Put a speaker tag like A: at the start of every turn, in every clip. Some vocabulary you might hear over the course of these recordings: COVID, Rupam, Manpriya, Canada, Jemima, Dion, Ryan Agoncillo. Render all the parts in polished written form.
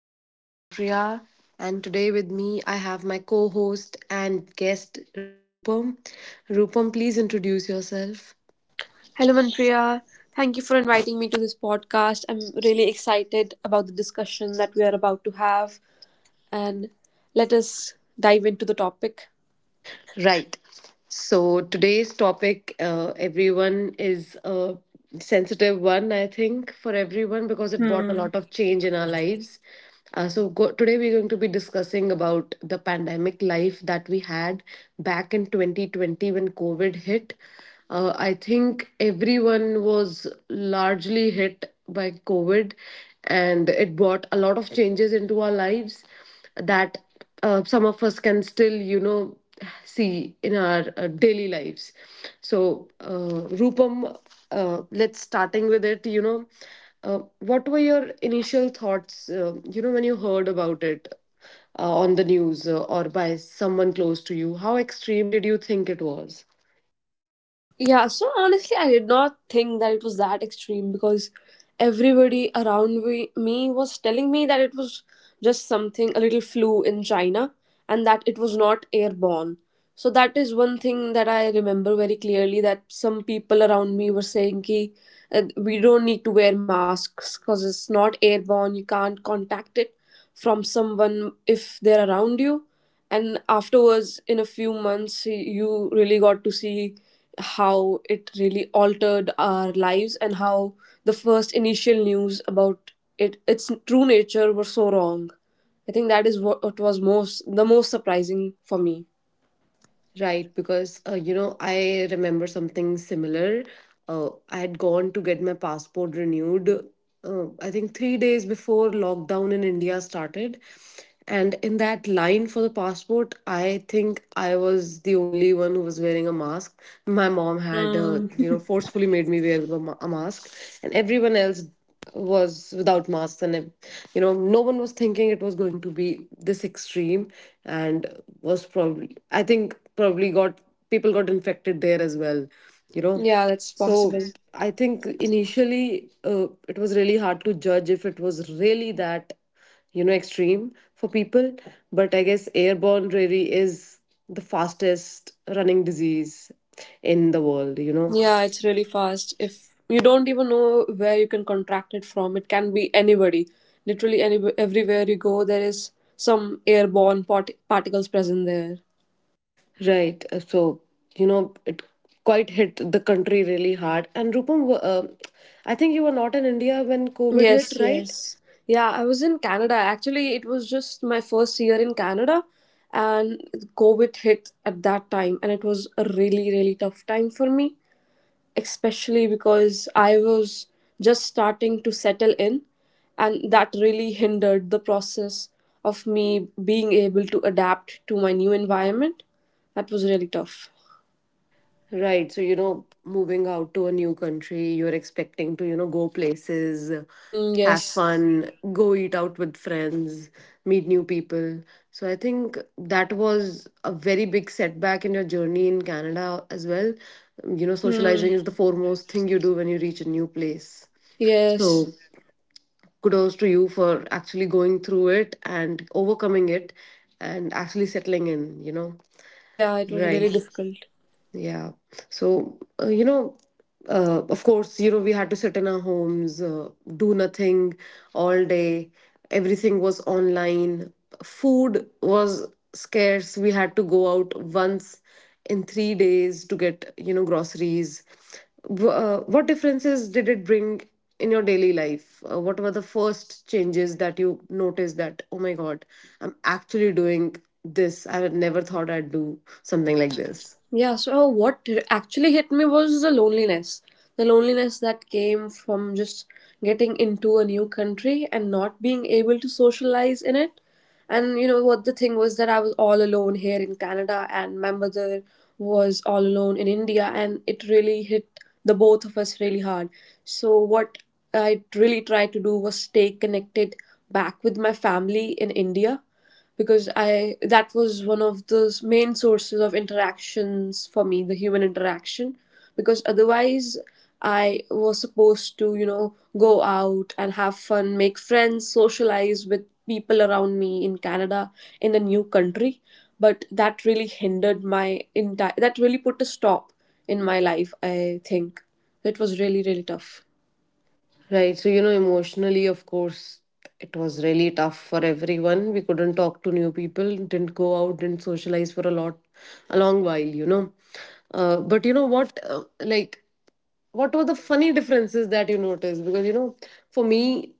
A: This is Manpriya, and today with me I have my co host and guest, Rupam. Rupam, please introduce yourself.
B: Hello, Manpriya. Thank you for inviting me to this podcast. I'm really excited about the discussion that we are about to have, and let us dive into the topic.
A: Right. So today's topic, everyone, is a sensitive one, I think, for everyone because it brought a
B: Hmm.
A: lot of change in our lives. Today we're going to be discussing about the pandemic life that we had back in 2020 when COVID hit. I think everyone was largely hit by COVID, and it brought a lot of changes into our lives that some of us can still, see in our daily lives. So, Rupam, let's starting with it. What were your initial thoughts? When you heard about it on the news, or by someone close to you, how extreme did you think it was?
B: Yeah, so honestly, I did not think that it was that extreme because everybody around me was telling me that it was just something, a little flu in China, and that it was not airborne. So that is one thing that I remember very clearly that some people around me were saying we don't need to wear masks because it's not airborne, you can't contact it from someone if they're around you, and afterwards in a few months you really got to see how it really altered our lives and how the first initial news about it its true nature were so wrong. I think that is what was most the most surprising for me.
A: Right, because I remember something similar. I had gone to get my passport renewed, I think 3 days before lockdown in India started. And in that line for the passport, I think I was the only one who was wearing a mask. My mom had,
B: Hmm.
A: forcefully made me wear a mask, and everyone else was without masks and no one was thinking it was going to be this extreme, and was probably I think probably got people got infected there as well, you know.
B: Yeah, that's
A: So
B: possible.
A: I think initially, it was really hard to judge if it was really that, you know, extreme for people. But I guess airborne really is the fastest running disease in the world, you know.
B: Yeah, it's really fast. If you don't even know where you can contract it from, it can be anybody. Literally, any everywhere you go, there is some airborne particles present there.
A: Right. So, you know, it quite hit the country really hard. And Rupam, I think you were not in India when COVID hit,
B: Yes,
A: right?
B: yes. Yeah, I was in Canada. Actually, it was just my first year in Canada, and COVID hit at that time, and it was a really, really tough time for me, especially because I was just starting to settle in, and that really hindered the process of me being able to adapt to my new environment. That was really tough.
A: Right. So, you know, moving out to a new country, you're expecting to, you know, go places,
B: Hmm.
A: have
B: Yes.
A: fun, go eat out with friends, meet new people. So I think that was a very big setback in your journey in Canada as well. You know, socializing
B: Hmm.
A: is the foremost thing you do when you reach a new place. So,
B: Yes.
A: kudos to you for actually going through it and overcoming it and actually settling in, you know?
B: Yeah, it was really
A: Right.
B: difficult.
A: Yeah. So, of course, you know, we had to sit in our homes, do nothing all day. Everything was online. Food was scarce. We had to go out once in 3 days to get, you know, groceries. What differences did it bring in your daily life? What were the first changes that you noticed that, oh my God, I'm actually doing this? I had never thought I'd do something like this.
B: Yeah, so what actually hit me was the loneliness. The loneliness that came from just getting into a new country and not being able to socialize in it. And you know what the thing was that I was all alone here in Canada and my mother was all alone in India, and it really hit the both of us really hard. So what I really tried to do was stay connected back with my family in India because I that was one of the main sources of interactions for me, the human interaction. Because otherwise, I was supposed to, you know, go out and have fun, make friends, socialize with people around me in Canada, in a new country. But that really hindered that really put a stop in my life, I think. It was really, really tough.
A: Right. So, you know, emotionally, of course, it was really tough for everyone. We couldn't talk to new people, didn't go out, didn't socialize for a long while, you know. But what were the funny differences that you noticed? Because, you know, for me,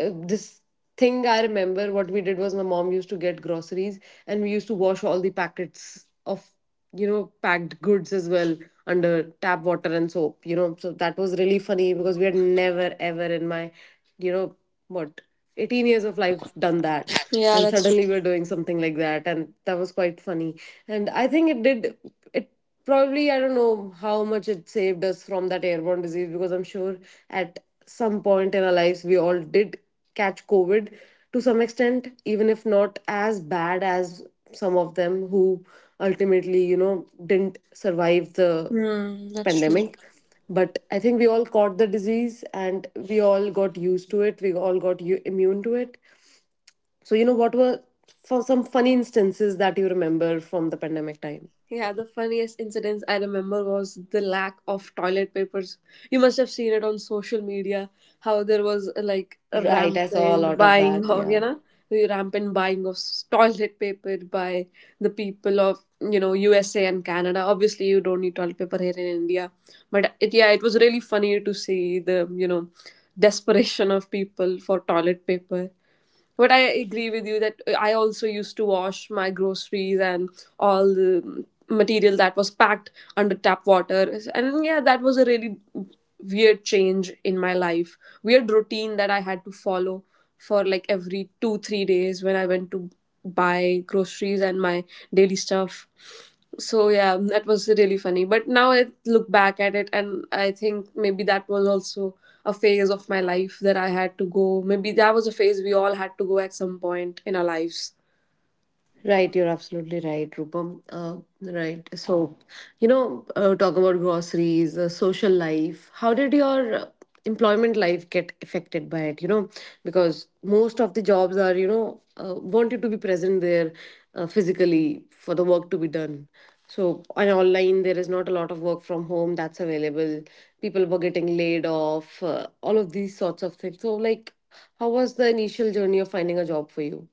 A: this thing I remember what we did was my mom used to get groceries, and we used to wash all the packets of, you know, packed goods as well, under tap water and soap, you know. So that was really funny because we had never ever in my, you know what 18 years of life, done that.
B: Yeah,
A: And
B: that's
A: suddenly we were doing something like that, and that was quite funny. And I think it did it probably I don't know how much it saved us from that airborne disease, because I'm sure at some point in our lives we all did catch COVID to some extent, even if not as bad as some of them who ultimately, you know, didn't survive the
B: true. Hmm, that's true.
A: pandemic. But I think we all caught the disease and we all got used to it. We all got immune to it. So, you know, what were, for some funny instances that you remember from the pandemic time?
B: Yeah, the funniest incidents I remember was the lack of toilet papers. You must have seen it on social media how there was like a
A: Right, I saw a
B: rampant
A: lot of
B: buying
A: that.
B: of, you
A: Yeah.
B: know, the rampant buying of s- toilet paper by the people of, you know, USA and Canada. Obviously, you don't need toilet paper here in India, but yeah, it was really funny to see the, you know, desperation of people for toilet paper. But I agree with you that I also used to wash my groceries and all the material that was packed under tap water, and yeah, that was a really weird change in my life, weird routine that I had to follow for like every 2 3 days when I went to buy groceries and my daily stuff. So yeah, that was really funny, but now I look back at it and I think maybe that was also a phase of my life that I had to go, maybe that was a phase we all had to go at some point in our lives.
A: Right, you're absolutely right, Rupam. Right. So, you know, talk about groceries, social life. How did your employment life get affected by it? You know, because most of the jobs are, you know, want you to be present there physically for the work to be done. So, on online, there is not a lot of work from home that's available. People were getting laid off, all of these sorts of things. So, like, how was the initial journey of finding a job for you?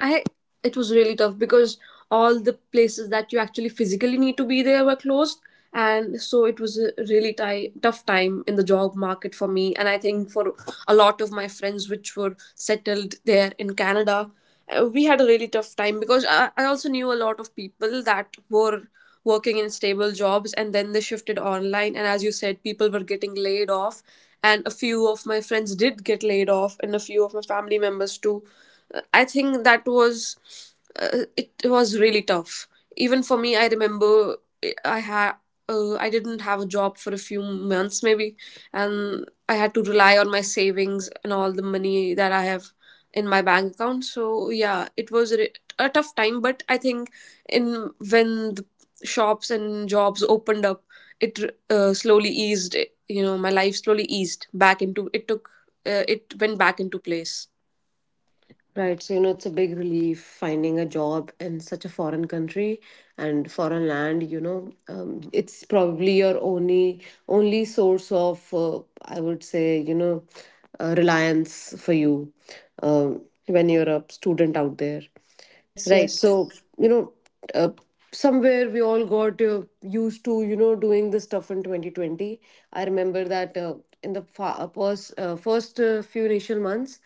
B: I It was really tough because all the places that you actually physically need to be there were closed, and so it was a really ti tough time in the job market for me, and I think for a lot of my friends which were settled there in Canada. We had a really tough time because I also knew a lot of people that were working in stable jobs and then they shifted online, and as you said, people were getting laid off, and a few of my friends did get laid off, and a few of my family members too. I think that was it was really tough. Even for me, I remember I had I didn't have a job for a few months maybe, and I had to rely on my savings and all the money that I have in my bank account. So yeah, it was a tough time, but I think in when the shops and jobs opened up, it slowly eased. You know, my life slowly eased back into it took it went back into place.
A: Right. So, you know, it's a big relief finding a job in such a foreign country and foreign land, you know. It's probably your only source of, I would say, you know, reliance for you when you're a student out there.
B: Yes,
A: Right.
B: yes.
A: So, you know, uh, somewhere we all got used to, you know, doing this stuff in 2020. I remember that, in the fa- pos- first few initial months,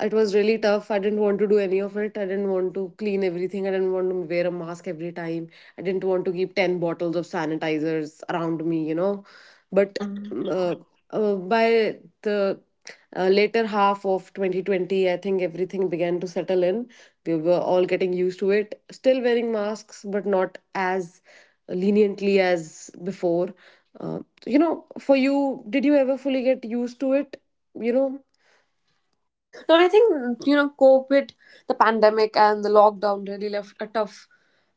A: it was really tough. I didn't want to do any of it. I didn't want to clean everything. I didn't want to wear a mask every time. I didn't want to keep 10 bottles of sanitizers around me, you know. But
B: Hmm.
A: mm, by the later half of 2020, I think everything began to settle in. We were all getting used to it, still wearing masks but not as leniently as before. uh, you know, for you, did you ever fully get used to it, you know?
B: No, I think, you know, COVID, the pandemic, and the lockdown really left a tough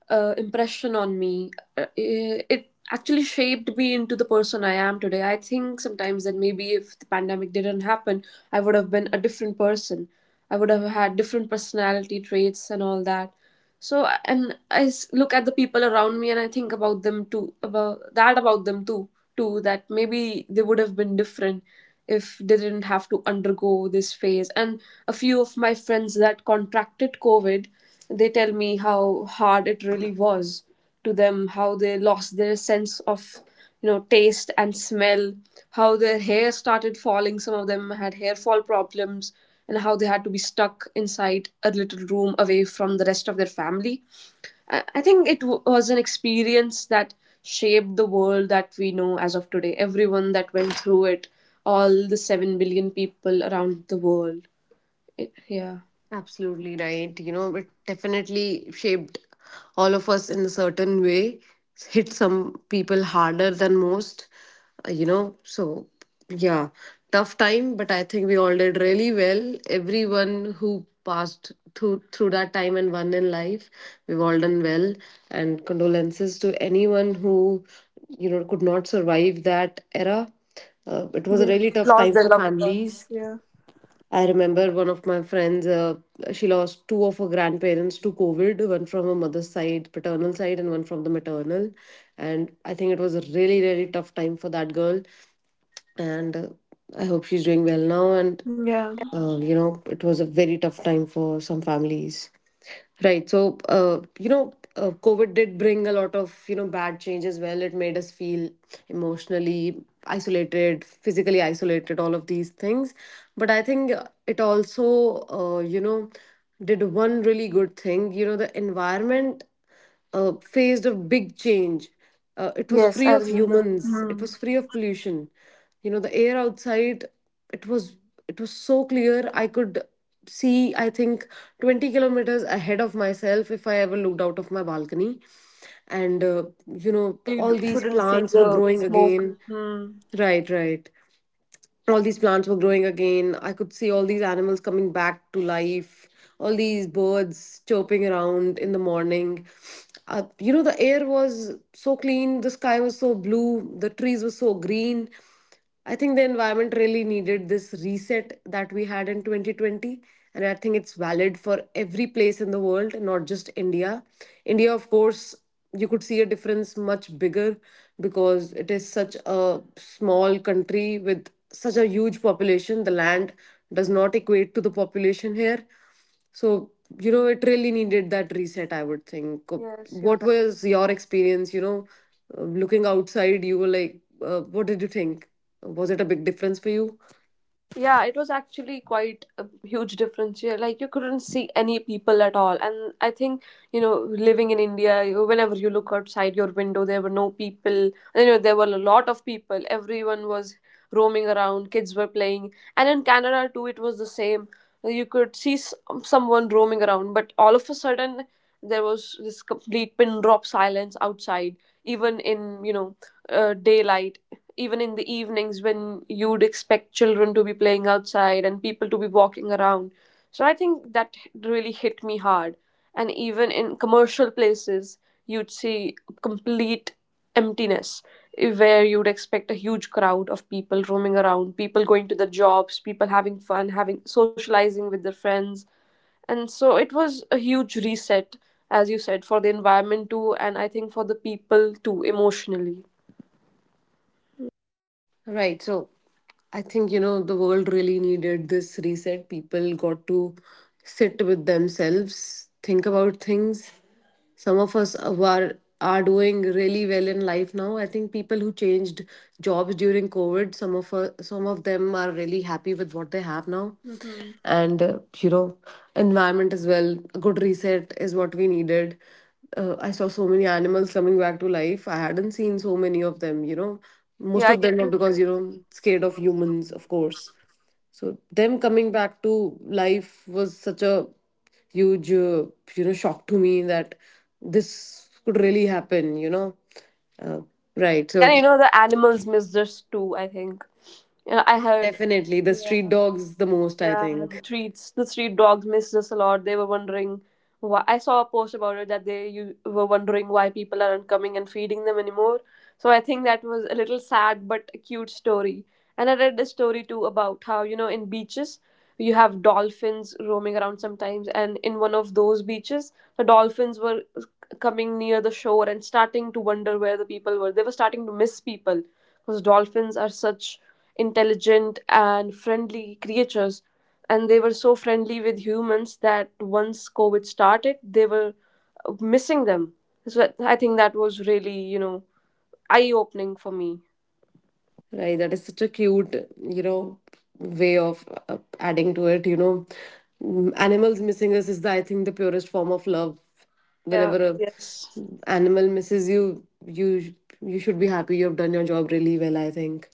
B: impression on me. uh, uh, it actually shaped me into the person I am today. I think sometimes that maybe if the pandemic didn't happen, I would have been a different person. I would have had different personality traits and all that. So, and I look at the people around me and I think about them too, about that about them too too that maybe they would have been different if they didn't have to undergo this phase. And a few of my friends that contracted COVID, they tell me how hard it really was to them, how they lost their sense of, you know, taste and smell, how their hair started falling, some of them had hair fall problems, and how they had to be stuck inside a little room away from the rest of their family. I think it was an experience that shaped the world that we know as of today, everyone that went through it, all the 7 billion people around the world. Yeah.
A: Absolutely right. You know, it definitely shaped all of us in a certain way, hit some people harder than most, you know. So, yeah, tough time, but I think we all did really well. Everyone who passed through that time and won in life, we've all done well. And condolences to anyone who, you know, could not survive that era. It was a
B: Yeah,
A: really tough
B: lost
A: time
B: their
A: for
B: loved
A: families.
B: ones. Yeah.
A: I remember one of my friends, she lost two of her grandparents to COVID, one from her mother's side, paternal side, and one from the maternal. And I think it was a really, really tough time for that girl. And I hope she's doing well now. And
B: Yeah,
A: you know, it was a very tough time for some families. Right. So, COVID did bring a lot of, you know, bad change as well. It made us feel emotionally isolated, physically isolated, all of these things. But I think it also, did one really good thing. You know, the environment faced a big change. It was
B: yes,
A: free
B: I
A: of
B: remember.
A: humans. It
B: Hmm.
A: was free of pollution. You know, the air outside, it was it was so clear. I could see, I think, 20 kilometers ahead of myself if I ever looked out of my balcony. And you know,
B: Yeah, you
A: all these
B: couldn't see
A: plants were
B: the
A: growing
B: smoke.
A: again.
B: Hmm.
A: Right, right, all these plants were growing again. I could see all these animals coming back to life, all these birds chirping around in the morning. You know, the air was so clean, the sky was so blue, the trees were so green. I think the environment really needed this reset that we had in 2020. And I think it's valid for every place in the world, not just India. India, of course, you could see a difference much bigger because it is such a small country with such a huge population. The land does not equate to the population here. So, you know, it really needed that reset, I would think.
B: Yes, you're.
A: What was your experience, you know? Looking outside, you were like, what did you think? Was it a big difference for you?
B: Yeah, it was actually quite a huge difference here. Like, you couldn't see any people at all. And I think, you know, living in India, whenever you look outside your window, there were no people. You know, there were a lot of people. Everyone was roaming around, kids were playing. And in Canada too, it was the same. You could see someone roaming around, but all of a sudden there was this complete pin drop silence outside, even in, you know, daylight, even in the evenings when you'd expect children to be playing outside and people to be walking around. So I think that really hit me hard. And even in commercial places, you'd see complete emptiness, where you'd expect a huge crowd of people roaming around, people going to their jobs, people having fun, having socializing with their friends. And so it was a huge reset, as you said, for the environment too, and I think for the people too, emotionally.
A: Right. So I think, you know, the world really needed this reset. People got to sit with themselves, think about things. Some of us who are doing really well in life now. I think people who changed jobs during COVID, some of them are really happy with what they have now.
B: Mm-hmm.
A: And you know, environment as well. A good reset is what we needed. I saw so many animals coming back to life. I hadn't seen so many of them, you know. Most
B: Yeah,
A: of
B: you.
A: them are because, you know, scared of humans, of course. So them coming back to life was such a huge, shock to me, that this could really happen, you know. Uh, right.
B: Yeah, you
A: So,
B: know the animals miss this too, I think. Yeah, I heard.
A: definitely the street dogs the most, I
B: Yeah,
A: think.
B: the street dogs missed us a lot. They were wondering why. I saw a post about it that they you were wondering why people aren't coming and feeding them anymore. So I think that was a little sad but a cute story. And I read this story too about how, you know, in beaches you have dolphins roaming around sometimes, and in one of those beaches, the dolphins were coming near the shore and starting to wonder where the people were. They were starting to miss people because dolphins are such intelligent and friendly creatures, and they were so friendly with humans that once COVID started, they were missing them. So I think that was really, you know, eye opening for me.
A: Right, that is such a cute, you know, way of adding to it. You know, mm, animals missing us is, I think, the purest form of love.
B: Yeah.
A: Whenever a
B: Yes.
A: animal misses you, you should be happy. You have done your job really well, I think.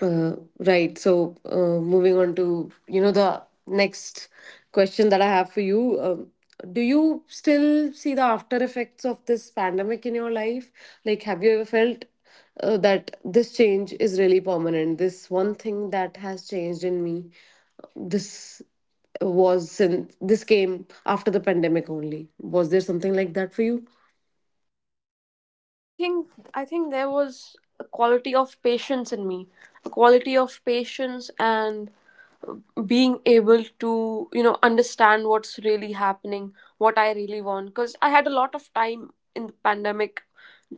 A: Right. So, moving on to the next question that I have for you. Do you still see the after effects of this pandemic in your life? Like, have you ever felt that this change is really permanent? This one thing that has changed in me, this was since this came after the pandemic only. Was there something like that for you?
B: I think I think there was a quality of patience in me, a quality of patience and being able to, you know, understand what's really happening, what I really want. Because I had a lot of time in the pandemic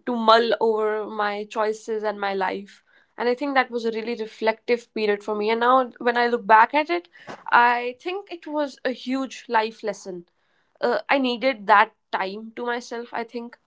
B: to mull over my choices and my life. And I think that was a really reflective period for me. And now, when I look back at it, I think it was a huge life lesson. I needed that time to myself, I think,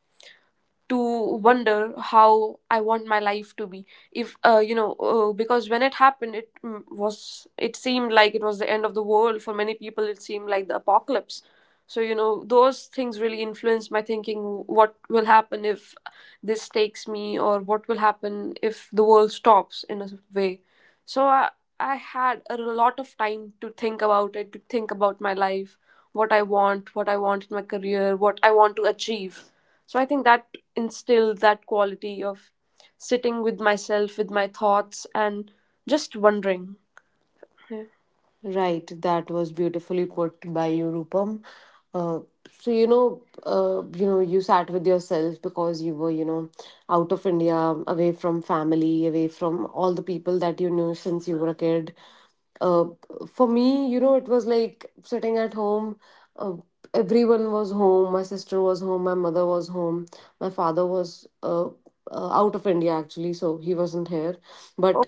B: to wonder how I want my life to be. If You know, because when it happened, it seemed like it was the end of the world for many people. It seemed like the apocalypse. So, you know, those things really influenced my thinking. What will happen if this takes me, or what will happen if the world stops in a way? So I had a lot of time to think about it, to think about my life, what I want in my career, what I want to achieve. So I think that instilled that quality of sitting with myself, with my thoughts, and just wondering. Yeah.
A: Right, that was beautifully put by you, Rupam. Uh, so you sat with yourself because you were, you know, out of India, away from family, away from all the people that you knew since you were a kid. Uh, for me, you know, it was like sitting at home. Uh, Everyone was home. My sister was home. My mother was home. My father was out of India actually, so he wasn't here.
B: Oh.
A: But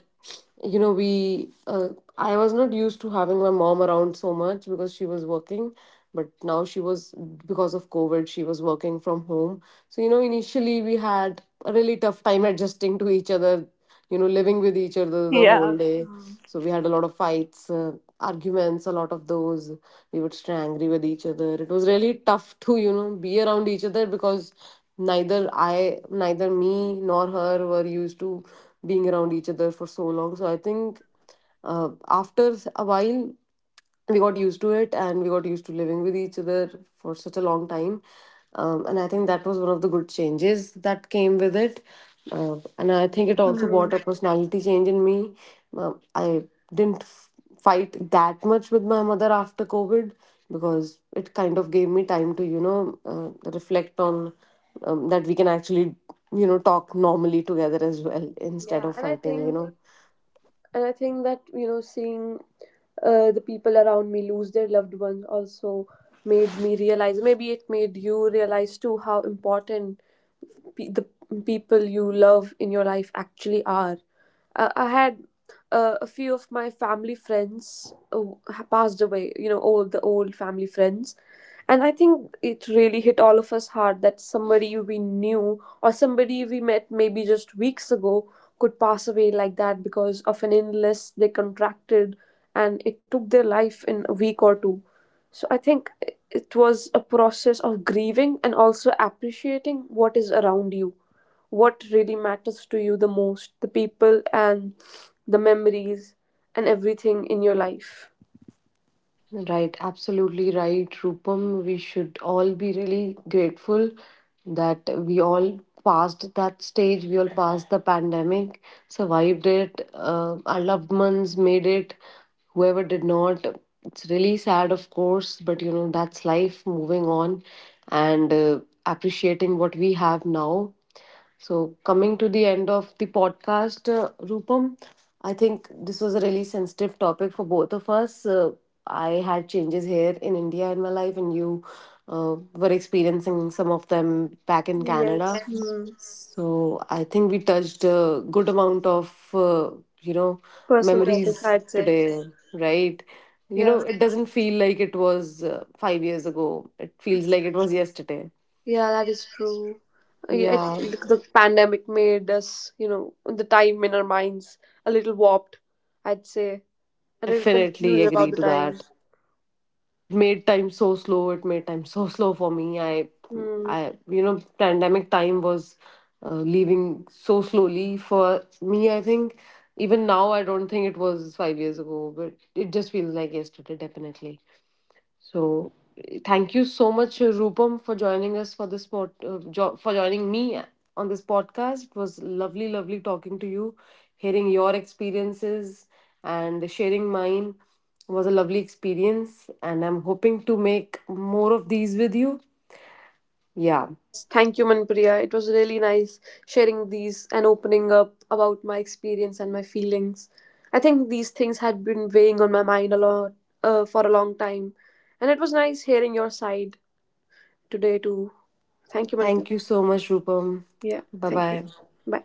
A: you know we I was not used to having my mom around so much because she was working, but now she was, because of COVID, she was working from home. So, you know, initially we had a really tough time adjusting to each other, you know, living with each other the whole
B: Yeah.
A: day.
B: Hmm.
A: So we had a lot of fights, arguments, a lot of those. We would stay angry with each other. It was really tough to, you know, be around each other because neither I, neither me nor her were used to being around each other for so long. So I think after a while, we got used to it and we got used to living with each other for such a long time. And I think that was one of the good changes that came with it. And I think it also brought a personality change in me. I didn't f- fight that much with my mother after COVID because it kind of gave me time to, you know, reflect on that we can actually talk normally together as well instead
B: Yeah,
A: of fighting you know
B: and I think that, you know, seeing the people around me lose their loved ones also made me realize, maybe it made you realize too, how important the people you love in your life actually are. I had a few of my family friends passed away, you know, all the old family friends. And I think it really hit all of us hard that somebody we knew or somebody we met maybe just weeks ago could pass away like that because of an illness they contracted, and it took their life in a week or two. So I think it was a process of grieving and also appreciating what is around you, what really matters to you the most, the people and the memories and everything in your life.
A: Right, absolutely right, Rupam. We should all be really grateful that we all passed that stage, we all passed the pandemic, survived it, our loved ones made it, whoever did not. It's really sad, of course, but you know, that's life moving on and appreciating what we have now. So, coming to the end of the podcast, Rupam, I think this was a really sensitive topic for both of us. I had changes here in India in my life, and you were experiencing some of them back in Canada.
B: Yes.
A: Yes.
B: Hmm.
A: So I think we touched a good amount of you know
B: Personal topics,
A: memories
B: I'd say.
A: today, right? You
B: Yeah.
A: know, it doesn't feel like it was 5 years ago. It feels like it was yesterday.
B: Yeah, that is true. Yeah,
A: Yeah,
B: the pandemic made us, you know, the time in our minds a little warped, I'd say. A little
A: definitely
B: confused about
A: agree
B: the
A: to
B: time.
A: that. It made time so slow. It made time so slow for me. i
B: Hmm.
A: i you know pandemic time was leaving so slowly for me. I think even now I don't think it was 5 years ago, but it just feels like yesterday, definitely. So thank you so much, Rupam, for joining us for this pod, for joining me on this podcast. It was lovely, lovely talking to you, hearing your experiences and sharing mine was a lovely experience, and I'm hoping to make more of these with you.
B: Yeah.
A: Yeah,
B: Yes, thank you, Manpriya. It was really nice sharing these and opening up about my experience and my feelings. I think these things had been weighing on my mind a lot, for a long time, and it was nice hearing your side today too. Thank you, Manpriya.
A: thank you so much, Rupam.
B: Yeah,
A: Bye
B: thank you.
A: bye.
B: Bye.